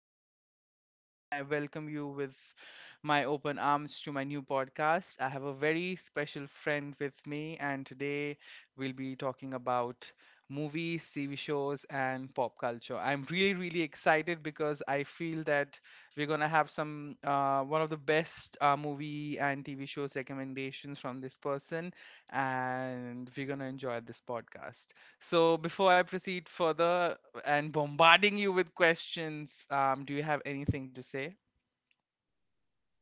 to my previous podcast, and I welcome you with my open arms to my new podcast. I have a very special friend with me, and today we'll be talking about movies, TV shows, and pop culture. I'm really, really excited because I feel that we're gonna have some one of the best movie and TV shows recommendations from this person, and we're gonna enjoy this podcast. So before I proceed further and bombarding you with questions, do you have anything to say?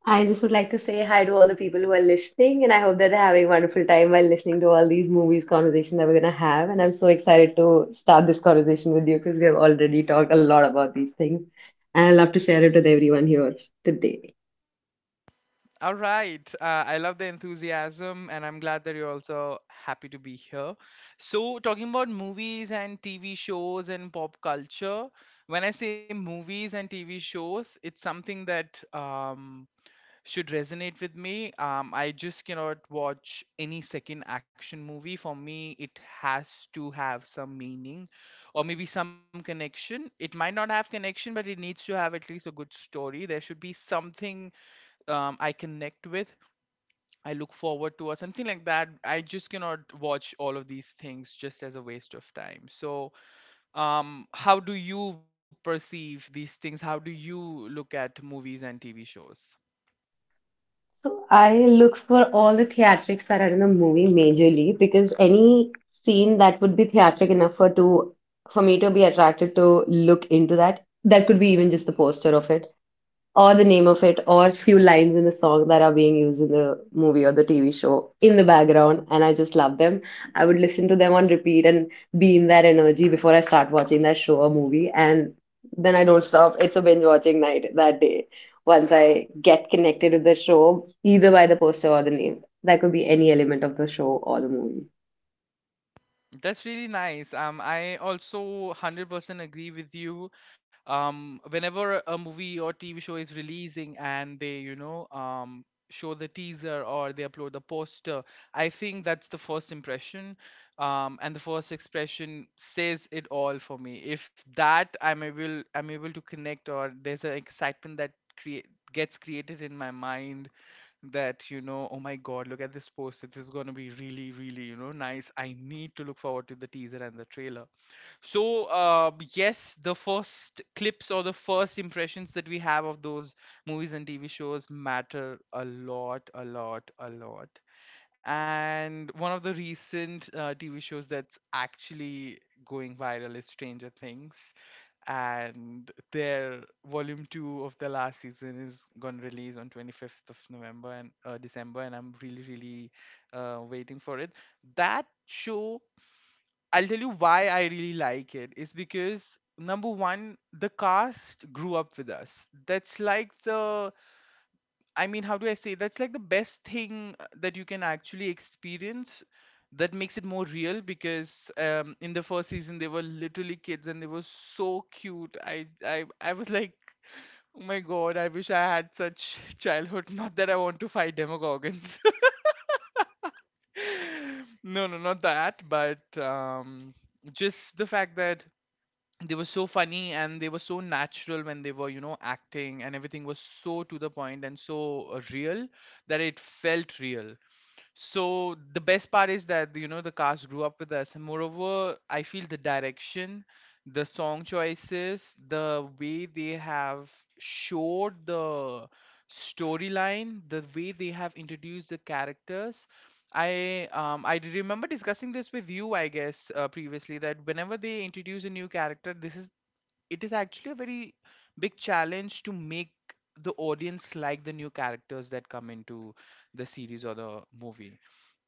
I just would like to say hi to all the people who are listening, and I hope that they're having a wonderful time while listening to all these movies conversation that we're gonna have. And I'm so excited to start this conversation with you because we have already talked a lot about these things, and I love to share it with everyone here today. All right. I love the enthusiasm, and I'm glad that you're also happy to be here. So, talking about movies and TV shows and pop culture, when I say movies and TV shows, it's something that should resonate with me. I just cannot watch any second action movie. For me, it has to have some meaning or maybe some connection. It might not have connection, but it needs to have at least a good story. There should be something I connect with, I look forward to, or something like that. I just cannot watch all of these things just as a waste of time. So, how do you perceive these things? How do you look at movies and TV shows? So I look for all the theatrics that are in the movie majorly because any scene that would be theatric enough for me to be attracted to look into that, that could be even just the poster of it or the name of it, or few lines in the song that are being used in the movie or the TV show in the background, and I just love them. I would listen to them on repeat and be in that energy before I start watching that show or movie, and then I don't stop. It's a binge watching night that day. Once I get connected with the show, either by the poster or the name, that could be any element of the show or the movie. That's really nice. I also 100% agree with you. Whenever a movie or TV show is releasing and they, you know, show the teaser or they upload the poster, I think that's the first impression. And the first expression says it all for me. If that I'm able to connect or there's an excitement that create gets created in my mind that you know, oh my god, look at this poster, this is going to be really, really, you know, nice. I need to look forward to the teaser and the trailer. So yes, the first clips or the first impressions that we have of those movies and TV shows matter a lot, a lot, a lot. And one of the recent TV shows that's actually going viral is Stranger Things. And their volume two of the last season is gonna release on 25th of November and December, and I'm really, really waiting for it. That show, I'll tell you why I really like it, is because number one, the cast grew up with us. That's like the. I mean, how do I say? That's like the best thing that you can actually experience, that makes it more real, because in the first season they were literally kids and they were so cute. I was like, oh my god, I wish I had such childhood. Not that I want to fight Demogorgons. No, no, not that, but just the fact that they were so funny and they were so natural when they were, you know, acting, and everything was so to the point and so real, that it felt real. So the best part is that, you know, the cast grew up with us, and moreover, I feel the direction, the song choices, the way they have showed the storyline, the way they have introduced the characters. I remember discussing this with you, I guess, previously, that whenever they introduce a new character, this is it is actually a very big challenge to make the audience like the new characters that come into the series or the movie.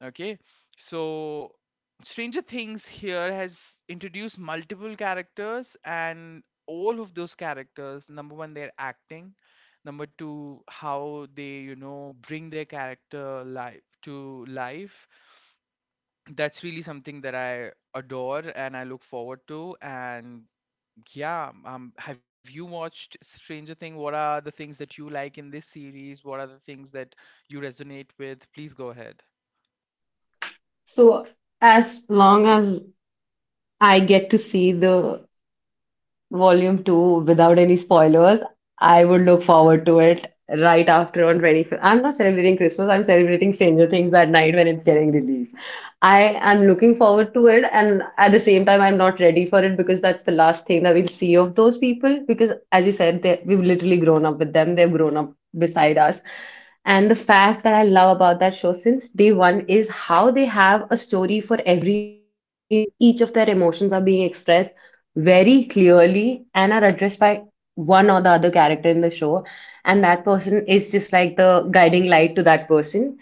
Okay, so Stranger Things here has introduced multiple characters, and all of those characters, number one, their acting, number two, how they, you know, bring their character life to life, that's really something that I adore and I look forward to. And yeah, have you watched Stranger Thing? What are the things that you like in this series? What are the things that you resonate with? Please go ahead. So, as long as I get to see the Volume 2 without any spoilers, I would look forward to it right after on 25th. I'm not celebrating Christmas, I'm celebrating Stranger Things that night when it's getting released. I am looking forward to it, and at the same time, I'm not ready for it because that's the last thing that we'll see of those people. Because, as you said, we've literally grown up with them, they've grown up beside us. And the fact that I love about that show since day one is how they have a story for every individual, and each of their emotions are being expressed very clearly and are addressed by one or the other character in the show, and that person is just like the guiding light to that person,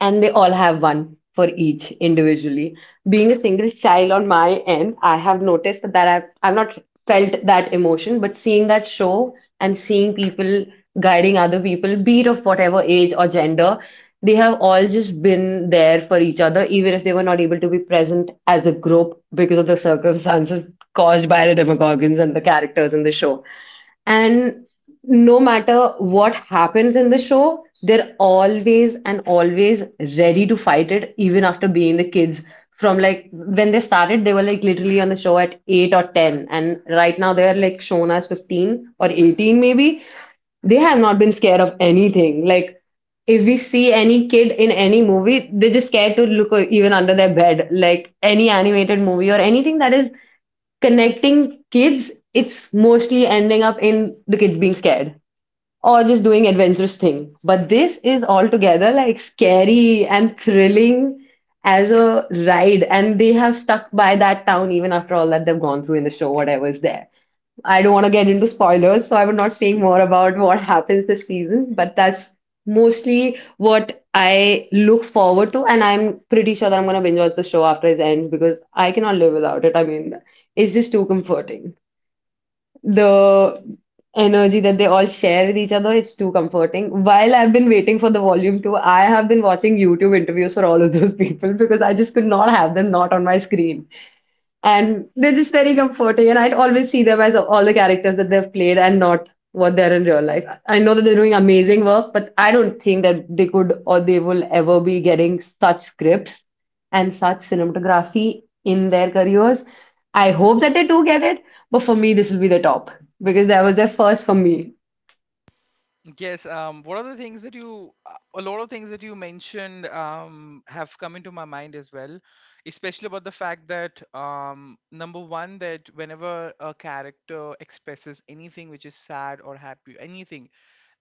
and they all have one for each individually. Being a single child on my end, I have noticed that I've not felt that emotion, but seeing that show and seeing people guiding other people, be it of whatever age or gender, they have all just been there for each other, even if they were not able to be present as a group because of the circumstances caused by the demogorgons and the characters in the show. And no matter what happens in the show, they're always and always ready to fight it, even after being the kids. From, like, when they started, they were like literally on the show at 8 or 10, and right now they're like shown as 15 or 18, maybe. They have not been scared of anything. Like, if we see any kid in any movie, they're just scared to even under their bed. Like, any animated movie or anything that is connecting kids, it's mostly ending up in the kids being scared or just doing adventurous thing. But this is altogether like scary and thrilling as a ride, and they have stuck by that town even after all that they've gone through in the show, whatever is there. I don't want to get into spoilers, so I would not speak more about what happens this season, but that's mostly what I look forward to, and I'm pretty sure that I'm gonna binge watch the show after it ends because I cannot live without it. I mean, it's just too comforting. The energy that they all share with each other is too comforting. While I've been waiting for the Volume 2, I have been watching YouTube interviews for all of those people because I just could not have them not on my screen. And they're just very comforting. And I would always see them as all the characters that they've played and not what they're in real life. I know that they're doing amazing work, but I don't think that they could or they will ever be getting such scripts and such cinematography in their careers. I hope that they do get it, but for me, this will be the top because that was their first for me. Yes, what are the things that you, a lot of things that you mentioned have come into my mind as well, especially about the fact that number one, that whenever a character expresses anything which is sad or happy, anything,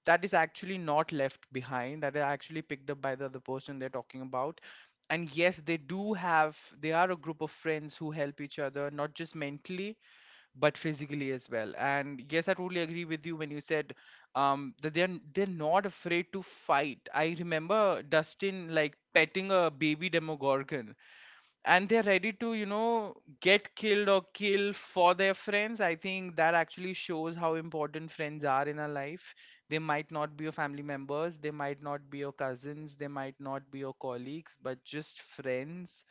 that is actually not left behind, that is actually picked up by the other person they're talking about. And yes, they do have, they are a group of friends who help each other not just mentally but physically as well. And yes, I totally agree with you when you said that they're not afraid to fight. I remember Dustin like petting a baby Demogorgon, and they're ready to, you know, get killed or kill for their friends. I think that actually shows how important friends are in our life. They might not be your family members, they might not be your cousins, they might not be your colleagues, but just friends.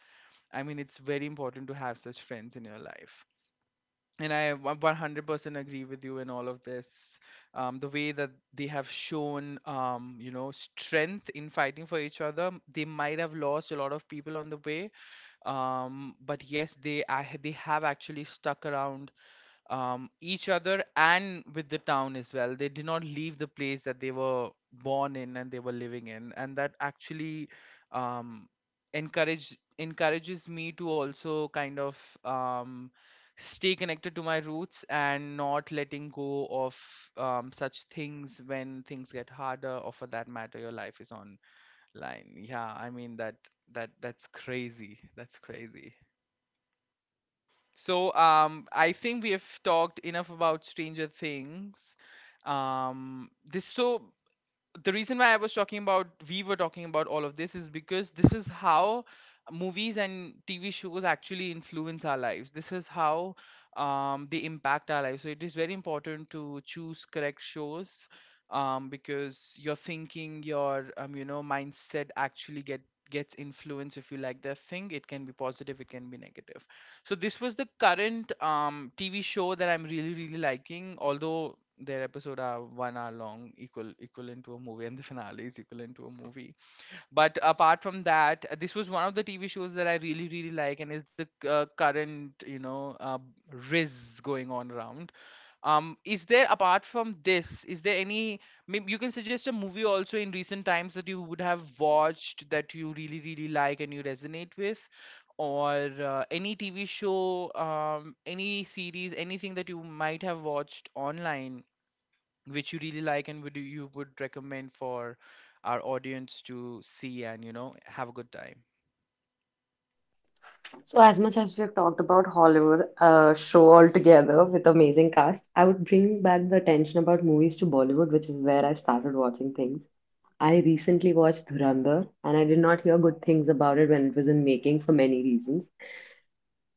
I mean, it's very important to have such friends in your life. And 100% agree with you in all of this. The way that they have shown, you know, strength in fighting for each other, they might have lost a lot of people on the way, but yes, they have actually stuck around each other and with the town as well. They did not leave the place that they were born in and they were living in. And that actually um encourages me to also kind of um stay connected to my roots, and not letting go of such things when things get harder, or for that matter your life is on line. Yeah, I mean that, that's crazy, that's crazy. So, I think we have talked enough about Stranger Things. This so the reason why I was talking about we were talking about all of this is because this is how movies and TV shows actually influence our lives. This is how they impact our lives. So it is very important to choose correct shows, because your thinking, your, you know, mindset actually gets influenced if you like the thing. It can be positive, it can be negative. So this was the current TV show that I'm really really liking. Although their episode are 1 hour long, equal equivalent to a movie, and the finale is equivalent to a movie. But apart from that, this was one of the TV shows that I really really like, and is the current, you know, uh, riz going on around. Is there Apart from this, is there any, maybe you can suggest a movie also in recent times that you would have watched that you really really like and you resonate with, or any TV show, any series, anything that you might have watched online which you really like, and would recommend for our audience to see and, you know, have a good time. So, as much as we've talked about Hollywood show altogether with amazing cast, I would bring back the attention about movies to Bollywood, which is where I started watching things. I recently watched Dhurandhar, and I did not hear good things about it when it was in making for many reasons.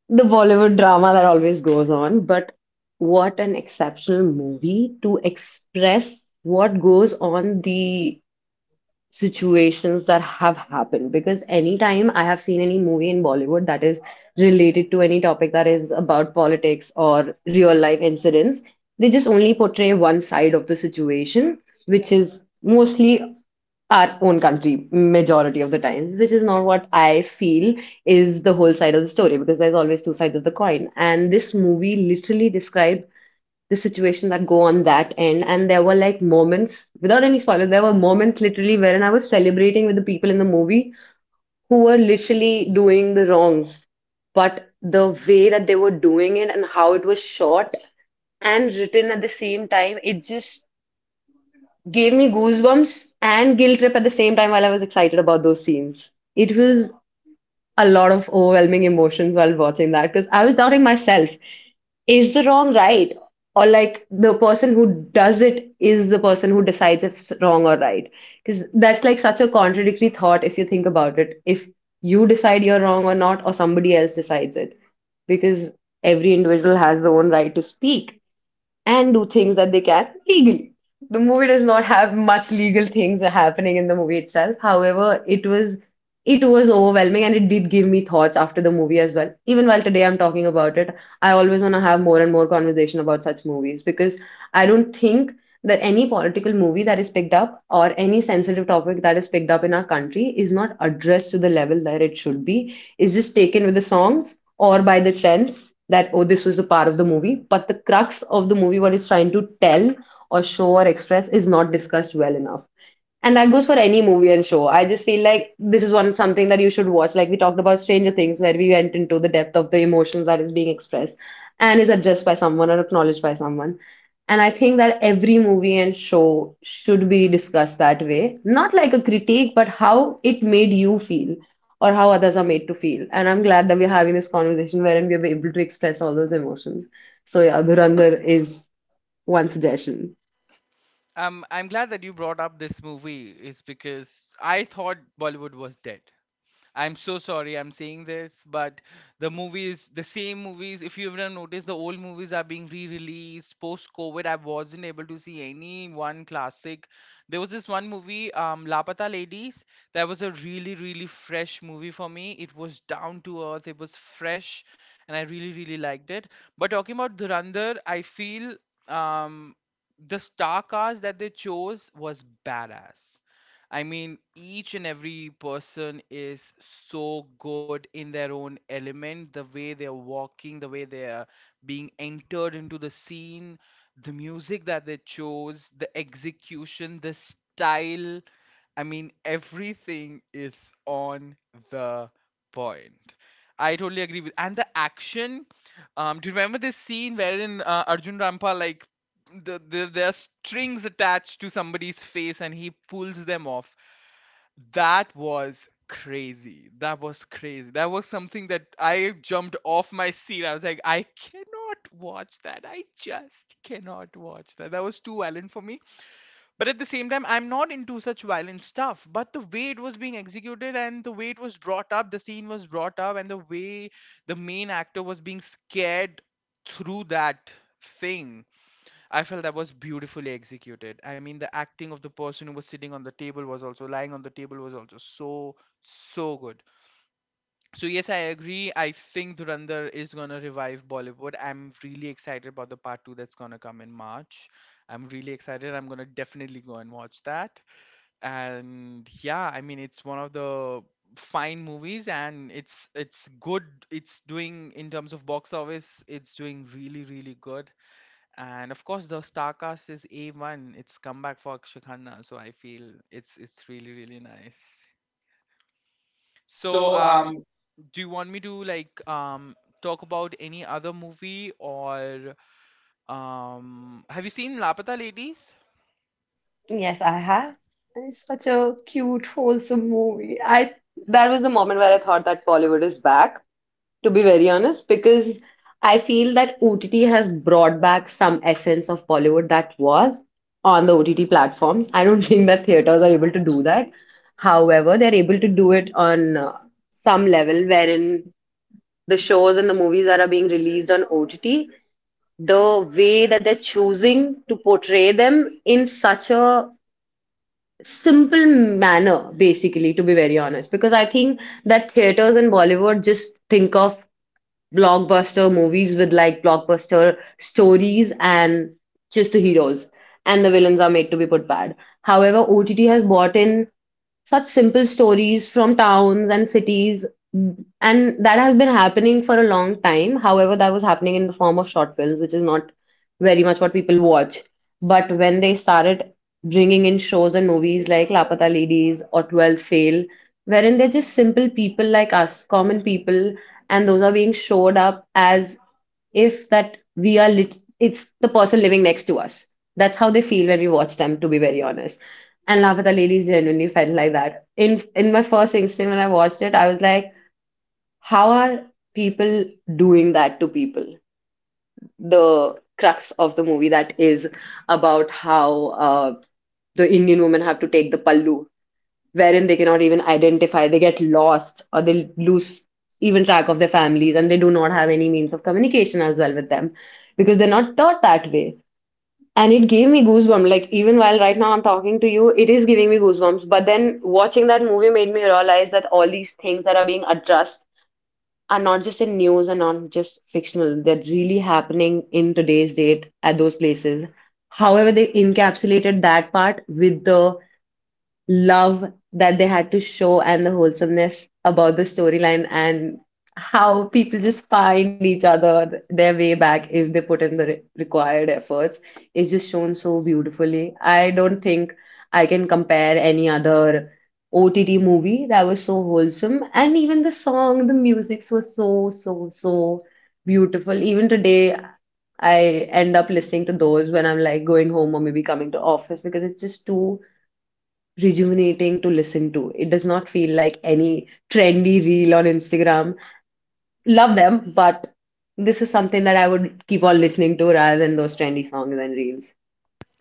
The Bollywood drama that always goes on, but what an exceptional movie to express what goes on, the situations that have happened. Because anytime I have seen any movie in Bollywood that is related to any topic that is about politics or real life incidents, they just only portray one side of the situation, which is mostly our own country majority of the times, which is not what I feel is the whole side of the story, because there's always two sides of the coin. And this movie literally described the situation that go on that end. And there were, like, moments without any spoilers. There were moments literally wherein I was celebrating with the people in the movie who were literally doing the wrongs, but the way that they were doing it and how it was shot and written at the same time, it just gave me goosebumps and guilt trip at the same time while I was excited about those scenes. It was a lot of overwhelming emotions while watching that, because I was doubting myself. Is the wrong right? Or, like, the person who does it is the person who decides if it's wrong or right. Because that's like such a contradictory thought if you think about it. If you decide you're wrong or not, or somebody else decides it. Because every individual has their own right to speak and do things that they can legally. The movie does not have much legal things happening in the movie itself. However, it was overwhelming, and it did give me thoughts after the movie as well. Even while today I'm talking about it, I always want to have more and more conversation about such movies, because I don't think that any political movie that is picked up or any sensitive topic that is picked up in our country is not addressed to the level that it should be. It's just taken with the songs or by the trends, that oh, this was a part of the movie, but the crux of the movie, what it's trying to tell or show or express, is not discussed well enough. And that goes for any movie and show. I just feel like this is one something that you should watch. Like we talked about Stranger Things, where we went into the depth of the emotions that is being expressed and is addressed by someone or acknowledged by someone. And I think that every movie and show should be discussed that way. Not like a critique, but how it made you feel or how others are made to feel. And I'm glad that we're having this conversation wherein we are able to express all those emotions. So yeah, Dhurandhar is one suggestion. I'm glad that you brought up this movie, is because I thought Bollywood was dead. I'm so sorry I'm saying this, but the movies, the same movies, if you've ever noticed, the old movies are being re released post COVID. I wasn't able to see any one classic. There was this one movie, Lapata Ladies, that was a really, really fresh movie for me. It was down to earth, it was fresh, and I really, really liked it. But talking about Dhurandhar, I feel um, the star cast that they chose was badass. I mean, each and every person is so good in their own element, the way they're walking, the way they are being entered into the scene, the music that they chose, the execution, the style. I mean, everything is on the point. I totally agree with, and the action. Do you remember this scene wherein Arjun Rampal like the there are strings attached to somebody's face and he pulls them off. That was crazy, that was crazy. That was something that I jumped off my seat. I was like, I cannot watch that, I just cannot watch that. That was too violent for me. But at the same time, I'm not into such violent stuff, but the way it was being executed, and the way it was brought up the scene was brought up, and the way the main actor was being scared through that thing, I felt that was beautifully executed. I mean, the acting of the person who was sitting on the table was also lying on the table was also so so good. So yes, I agree. I think Dhurandhar is gonna revive Bollywood. I'm really excited about the part two that's gonna come in March. I'm really excited. I'm gonna definitely go and watch that. And yeah, I mean, it's one of the fine movies and it's good. It's doing in terms of box office, it's doing really really good. And of course, the star cast is A1. It's comeback for Akshay Khanna, so I feel it's really really nice. So, do you want me to talk about any other movie, or have you seen Lapata Ladies? Yes, I have. And it's such a cute, wholesome movie. I That was the moment where I thought that Bollywood is back, to be very honest, because I feel that OTT has brought back some essence of Bollywood that was on the OTT platforms. I don't think that theaters are able to do that. However, they're able to do it on some level wherein the shows and the movies that are being released on OTT, the way that they're choosing to portray them in such a simple manner, basically, to be very honest. Because I think that theaters in Bollywood just think of blockbuster movies with like blockbuster stories, and just the heroes and the villains are made to be put bad. However, OTT has brought in such simple stories from towns and cities, and that has been happening for a long time. However, that was happening in the form of short films, which is not very much what people watch. But when they started bringing in shows and movies like Lapata Ladies or 12 Fail, wherein they're just simple people like us, common people, and those are being showed up as if that we are lit, it's the person living next to us. That's how they feel when we watch them, to be very honest. And Love with the Ladies genuinely felt like that. In my first instant when I watched it, I was like, how are people doing that to people? The crux of the movie that is about how the Indian women have to take the pallu, wherein they cannot even identify, they get lost, or they lose even track of their families, and they do not have any means of communication as well with them because they're not taught that way. And it gave me goosebumps. Like, even while right now I'm talking to you, it is giving me goosebumps. But then watching that movie made me realize that all these things that are being addressed are not just in news and not just fictional. They're really happening in today's date at those places. However, they encapsulated that part with the love that they had to show, and the wholesomeness about the storyline and how people just find each other, their way back, if they put in the required efforts is just shown so beautifully. I don't think I can compare any other OTT movie that was so wholesome. And even the song, the music was so, so, so beautiful. Even today I end up listening to those when I'm like going home or maybe coming to office, because it's just too rejuvenating to listen to. It does not feel like any trendy reel on Instagram. Love them, but this is something that I would keep on listening to rather than those trendy songs and reels.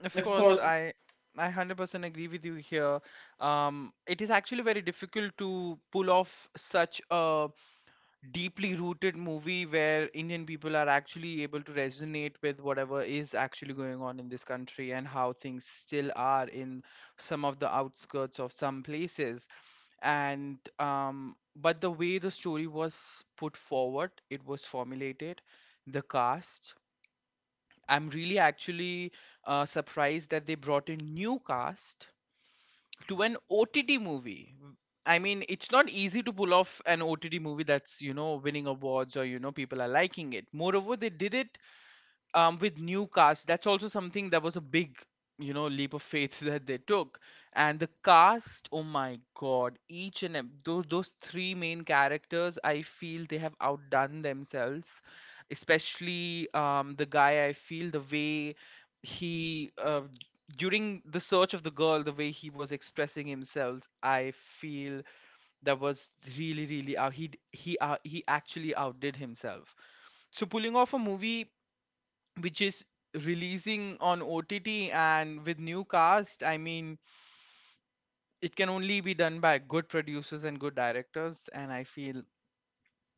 Of course, I 100% agree with you here. It is actually very difficult to pull off such a deeply rooted movie where Indian people are actually able to resonate with whatever is actually going on in this country and how things still are in some of the outskirts of some places. And but the way the story was put forward, it was formulated, the cast. I'm really actually surprised that they brought in new cast to an OTT movie. I mean, it's not easy to pull off an OTT movie that's, you know, winning awards, or, you know, people are liking it. Moreover, they did it with new cast. That's also something that was a big, you know, leap of faith that they took. And the cast, oh my god, each and those three main characters, I feel they have outdone themselves. Especially the guy, I feel the way he during the search of the girl, the way he was expressing himself, I feel that was really, really out. He d- he actually outdid himself. So pulling off a movie which is releasing on OTT and with new cast, I mean, it can only be done by good producers and good directors. And I feel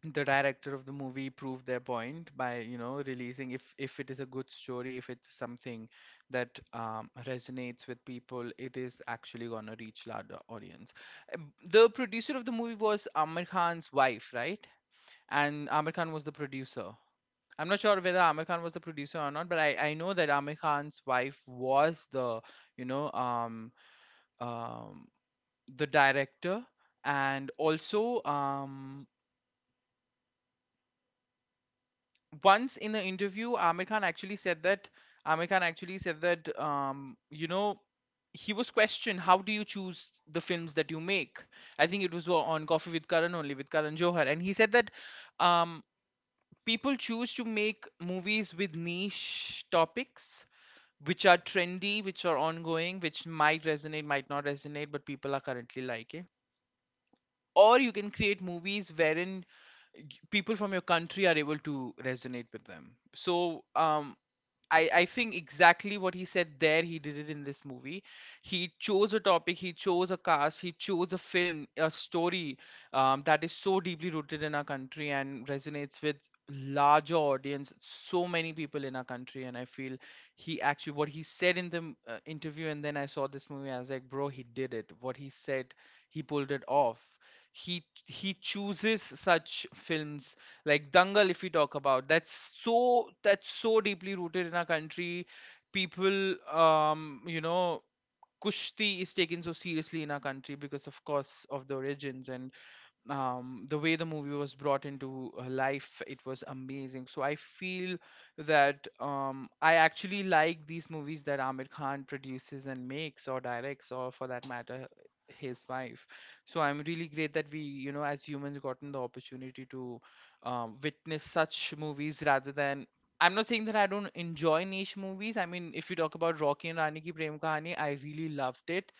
the director of the movie proved their point by, you know, releasing, if it is a good story, if it's something that resonates with people, it is actually gonna reach larger audience. The producer of the movie was Amir Khan's wife, right? And Amir Khan was the producer. I'm not sure whether Amir Khan was the producer or not, but I know that Amir Khan's wife was the, you know, um, the director. And also, once in the interview, Amir Khan actually said that, Amir Khan actually said that, you know, he was questioned, how do you choose the films that you make? I think it was on Coffee with Karan only, with Karan Johar. And he said that um, people choose to make movies with niche topics which are trendy, which are ongoing, which might resonate, might not resonate, but people are currently liking. Or you can create movies wherein people from your country are able to resonate with them. So I think exactly what he said there, he did it in this movie. He chose a topic, he chose a cast, he chose a film, a story that is so deeply rooted in our country and resonates with larger audience, so many people in our country. And I feel he actually, what he said in the interview, and then I saw this movie, I was like, bro, he did it. What he said, he pulled it off. He chooses such films like Dangal. If we talk about, that's so, that's so deeply rooted in our country. People you know, kushti is taken so seriously in our country because, of course, of the origins. And the way the movie was brought into life, it was amazing. So I feel that I actually like these movies that Amit Khan produces and makes, or directs, or for that matter, his wife. So I'm really great that we, you know, as humans, gotten the opportunity to witness such movies rather than. I'm not saying that I don't enjoy niche movies. I mean, if you talk about Rocky and Rani Ki Prem Kahani, I really loved it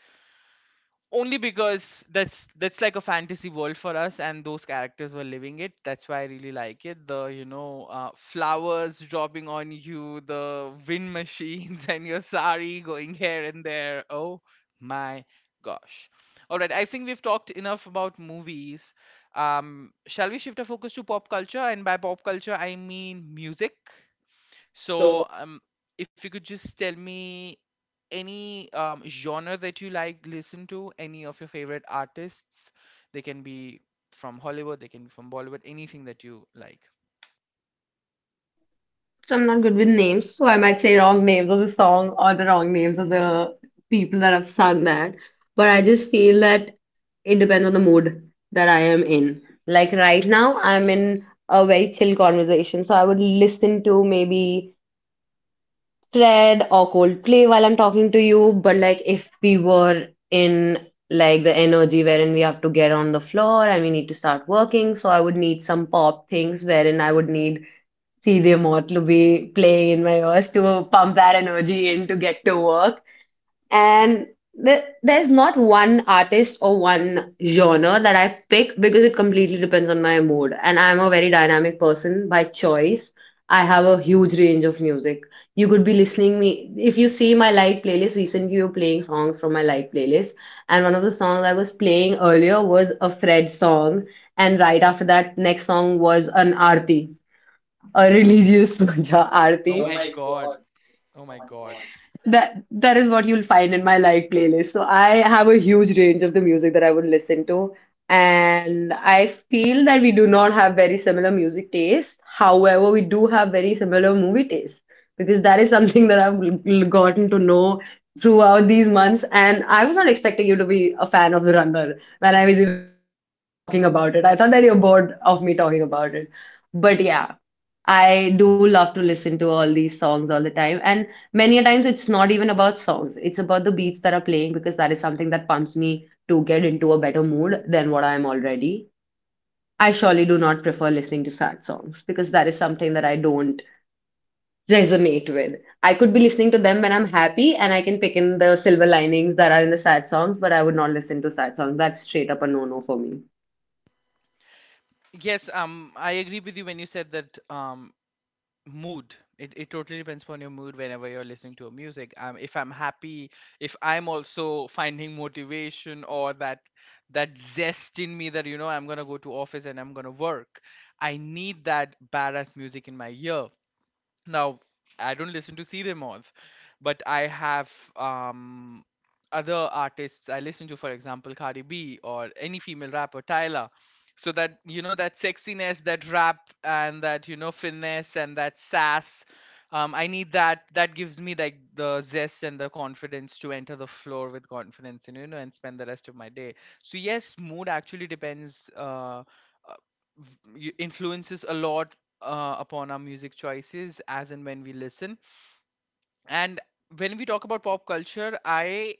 only because that's like a fantasy world for us and those characters were living it. That's why I really like it, the, you know, flowers dropping on you, the wind machines and your sari going here and there. Oh my gosh. All right, I think we've talked enough about movies. Shall we shift our focus to pop culture? And by pop culture, I mean music. So, if you could just tell me any genre that you like, listen to, any of your favorite artists. They can be from Hollywood, they can be from Bollywood, anything that you like. So I'm not good with names, so I might say wrong names of the song or the wrong names of the people that have sung that. But I just feel that it depends on the mood that I am in. Like right now, I'm in a very chill conversation, so I would listen to maybe Fred or Coldplay while I'm talking to you. But like if we were in like the energy wherein we have to get on the floor and we need to start working, so I would need some pop things wherein I would need CD Amort to be playing in my ears to pump that energy in to get to work. And th there's not one artist or one genre that I pick, because it completely depends on my mood. And I'm a very dynamic person by choice. I have a huge range of music. You could be listening me, if you see my live playlist recently, you're playing songs from my live playlist. And one of the songs I was playing earlier was a Fred song. And right after that, next song was an Aarti, a religious puja Oh Aarti. my God. Oh my God. That that is what you'll find in my live playlist. So I have a huge range of the music that I would listen to, and I feel that we do not have very similar music taste. However, we do have very similar movie taste, because that is something that I've gotten to know throughout these months. And I was not expecting you to be a fan of The Runner when I was even talking about it. I thought that you're bored of me talking about it. But yeah. I do love to listen to all these songs all the time. And many a times it's not even about songs, it's about the beats that are playing, because that is something that pumps me to get into a better mood than what I am already. I surely do not prefer listening to sad songs, because that is something that I don't resonate with. I could be listening to them when I'm happy, and I can pick in the silver linings that are in the sad songs, but I would not listen to sad songs. That's straight up a no no for me. Yes, I agree with you when you said that mood it, it totally depends upon your mood whenever you're listening to a music. If I'm happy, if I'm also finding motivation, or that that zest in me, that, you know, I'm gonna go to office and I'm gonna work, I need that badass music in my ear. Now, I don't listen to See Them All, but I have other artists I listen to, for example, Cardi B or any female rapper, Tyler. So that, you know, that sexiness, that rap and that, you know, finesse and that sass. I need that. That gives me like the zest and the confidence to enter the floor with confidence and, you know, and spend the rest of my day. So yes, mood actually depends, influences a lot upon our music choices as and when we listen. And when we talk about pop culture, I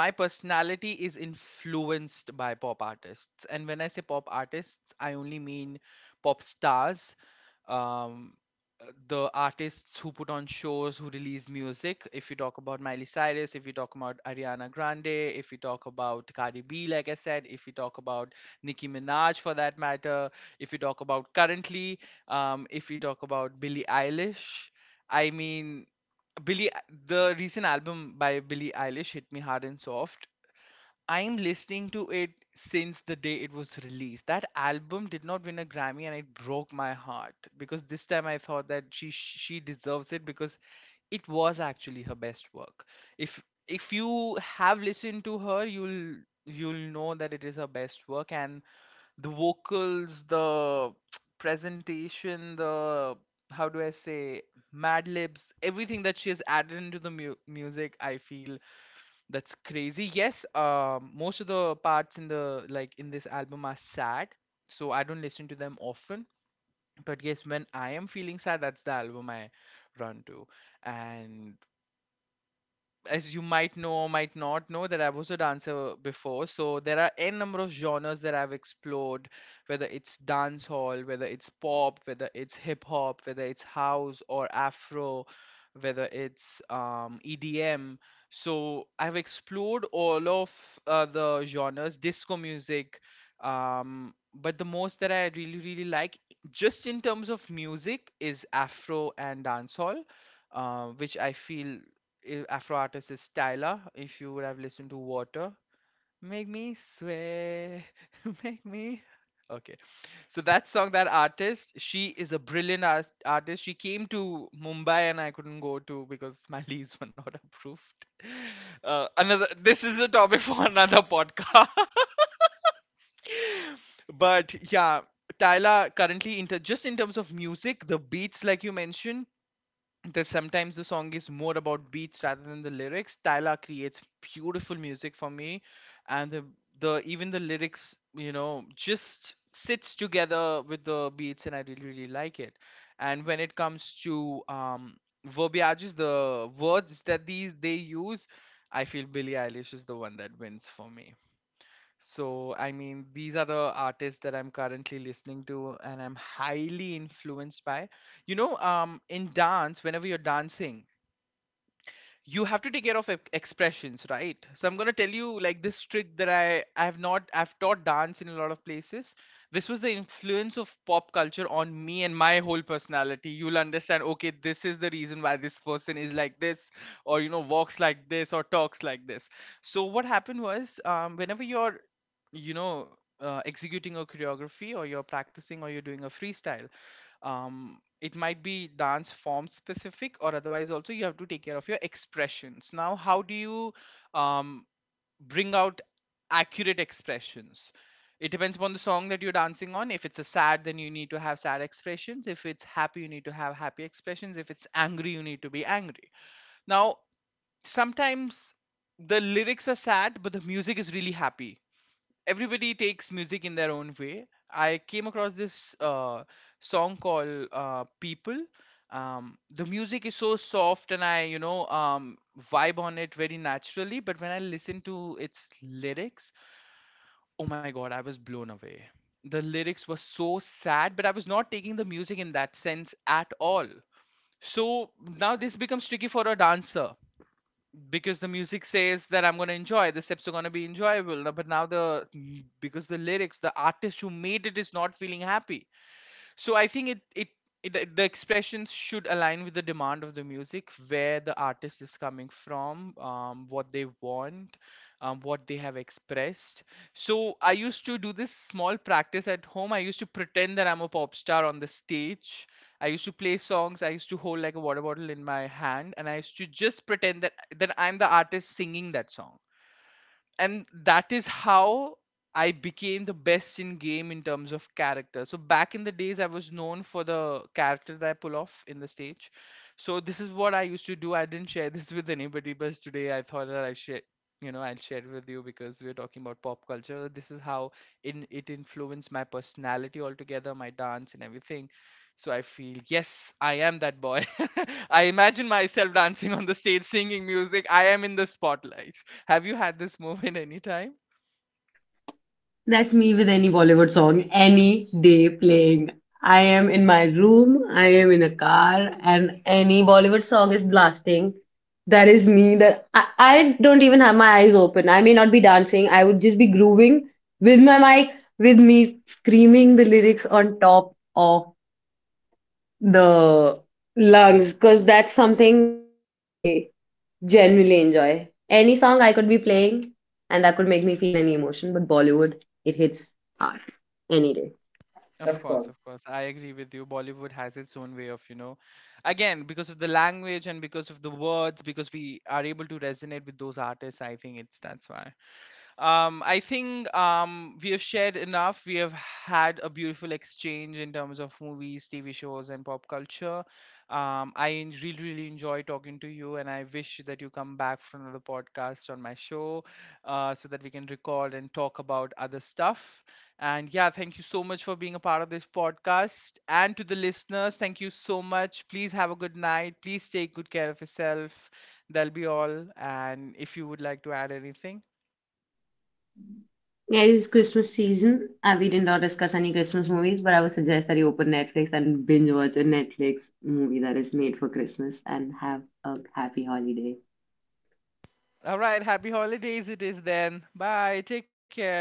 my personality is influenced by pop artists. And when I say pop artists, I only mean pop stars. um the artists who put on shows, who release music, if you talk about Miley Cyrus, if you talk about Ariana Grande, if you talk about Cardi B, like I said, if you talk about Nicki Minaj for that matter, if you talk about currently, if you talk about Billie Eilish, I mean, Billy, the recent album by Billie Eilish hit me hard and soft. I'm listening to it since the day it was released. That album did not win a Grammy, and it broke my heart because this time I thought that she deserves it because it was actually her best work. If if you have listened to her, you'll know that it is her best work. And the vocals, the presentation, the, how do I say, Mad Libs, everything that she has added into the music, I feel that's crazy. Yes, most of the parts in the like in this album are sad, so I don't listen to them often. But yes, when I am feeling sad, that's the album I run to. And as you might know or might not know, that I was a dancer before. So there are n number of genres that I've explored, whether it's dance hall, whether it's pop, whether it's hip hop, whether it's house or afro, whether it's EDM. So I've explored all of the genres, disco music. But the most that I really, really like, just in terms of music, is Afro and dancehall, which I feel, Afro artist is Tyla. If you would have listened to Water, Make Me Sway, Make Me. Okay, so that song, that artist, she is a brilliant artist. She came to Mumbai and I couldn't go to because my leaves were not approved. Another, this is a topic for another podcast. But yeah, Tyla currently, in just in terms of music, the beats, like you mentioned, that sometimes the song is more about beats rather than the lyrics. Tyla creates beautiful music for me, and the even the lyrics, you know, just sits together with the beats, and I really really like it. And when it comes to verbiages, the words that these they use, I feel Billie Eilish is the one that wins for me. So, I mean, these are the artists that I'm currently listening to and I'm highly influenced by. You know, in dance, whenever you're dancing, you have to take care of expressions, right? So I'm going to tell you like this trick that I have not I've taught dance in a lot of places. This was the influence of pop culture on me and my whole personality. You'll understand, okay, this is the reason why this person is like this, or, you know, walks like this or talks like this. So what happened was, whenever you're, you know, executing a choreography, or you're practicing, or you're doing a freestyle, it might be dance form specific or otherwise, also you have to take care of your expressions. Now, how do you um, bring out accurate expressions? It depends upon the song that you're dancing on. If it's a sad, then you need to have sad expressions. If it's happy, you need to have happy expressions. If it's angry, you need to be angry. Now, sometimes the lyrics are sad but the music is really happy. Everybody takes music in their own way. I came across this song called "People." The music is so soft, and I, you know, vibe on it very naturally. But when I listen to its lyrics, oh my god, I was blown away. The lyrics were so sad, but I was not taking the music in that sense at all. So now this becomes tricky for a dancer because the music says that I'm gonna enjoy, the steps are gonna be enjoyable. No- But now, the, because the lyrics, the artist who made it is not feeling happy, so I think it it, it the expressions should align with the demand of the music, where the artist is coming from, what they want, what they have expressed. So I used to do this small practice at home. I used to pretend that I'm a pop star on the stage. I used to play songs, I used to hold like a water bottle in my hand, and I used to just pretend that I'm the artist singing that song. And that is how I became the best in game in terms of character. So back in the days, I was known for the character that I pull off in the stage. So this is what I used to do. I didn't share this with anybody, but today I thought that I share, you know, I'll share it with you, because we're talking about pop culture. This is how in it influenced my personality altogether, my dance and everything. So I feel yes, I am that boy. I imagine myself dancing on the stage, singing music. I am in the spotlight. Have you had this moment anytime? That's me with any Bollywood song any day playing. I am in my room, I am in a car, and any Bollywood song is blasting. That is me. That I don't even have my eyes open. I may not be dancing. I would just be grooving with my mic, with me screaming the lyrics on top of the lungs, because that's something that I genuinely enjoy. Any song I could be playing and that could make me feel any emotion, but Bollywood, it hits hard any day. Of course, of course. I agree with you. Bollywood has its own way of, you know, again, because of the language and because of the words, because we are able to resonate with those artists, I think it's that's why. I think we have shared enough. We have had a beautiful exchange in terms of movies, TV shows, and pop culture. I really, really enjoy talking to you, and I wish that you come back for another podcast on my show, so that we can record and talk about other stuff. And yeah, thank you so much for being a part of this podcast. And to the listeners, thank you so much. Please have a good night. Please take good care of yourself. That'll be all. And if you would like to add anything, Yeah, it is Christmas season. We did not discuss any Christmas movies, but I would suggest that you open Netflix and binge watch a Netflix movie that is made for Christmas and have a happy holiday. all right. Happy holidays, it is then. Bye. Take care.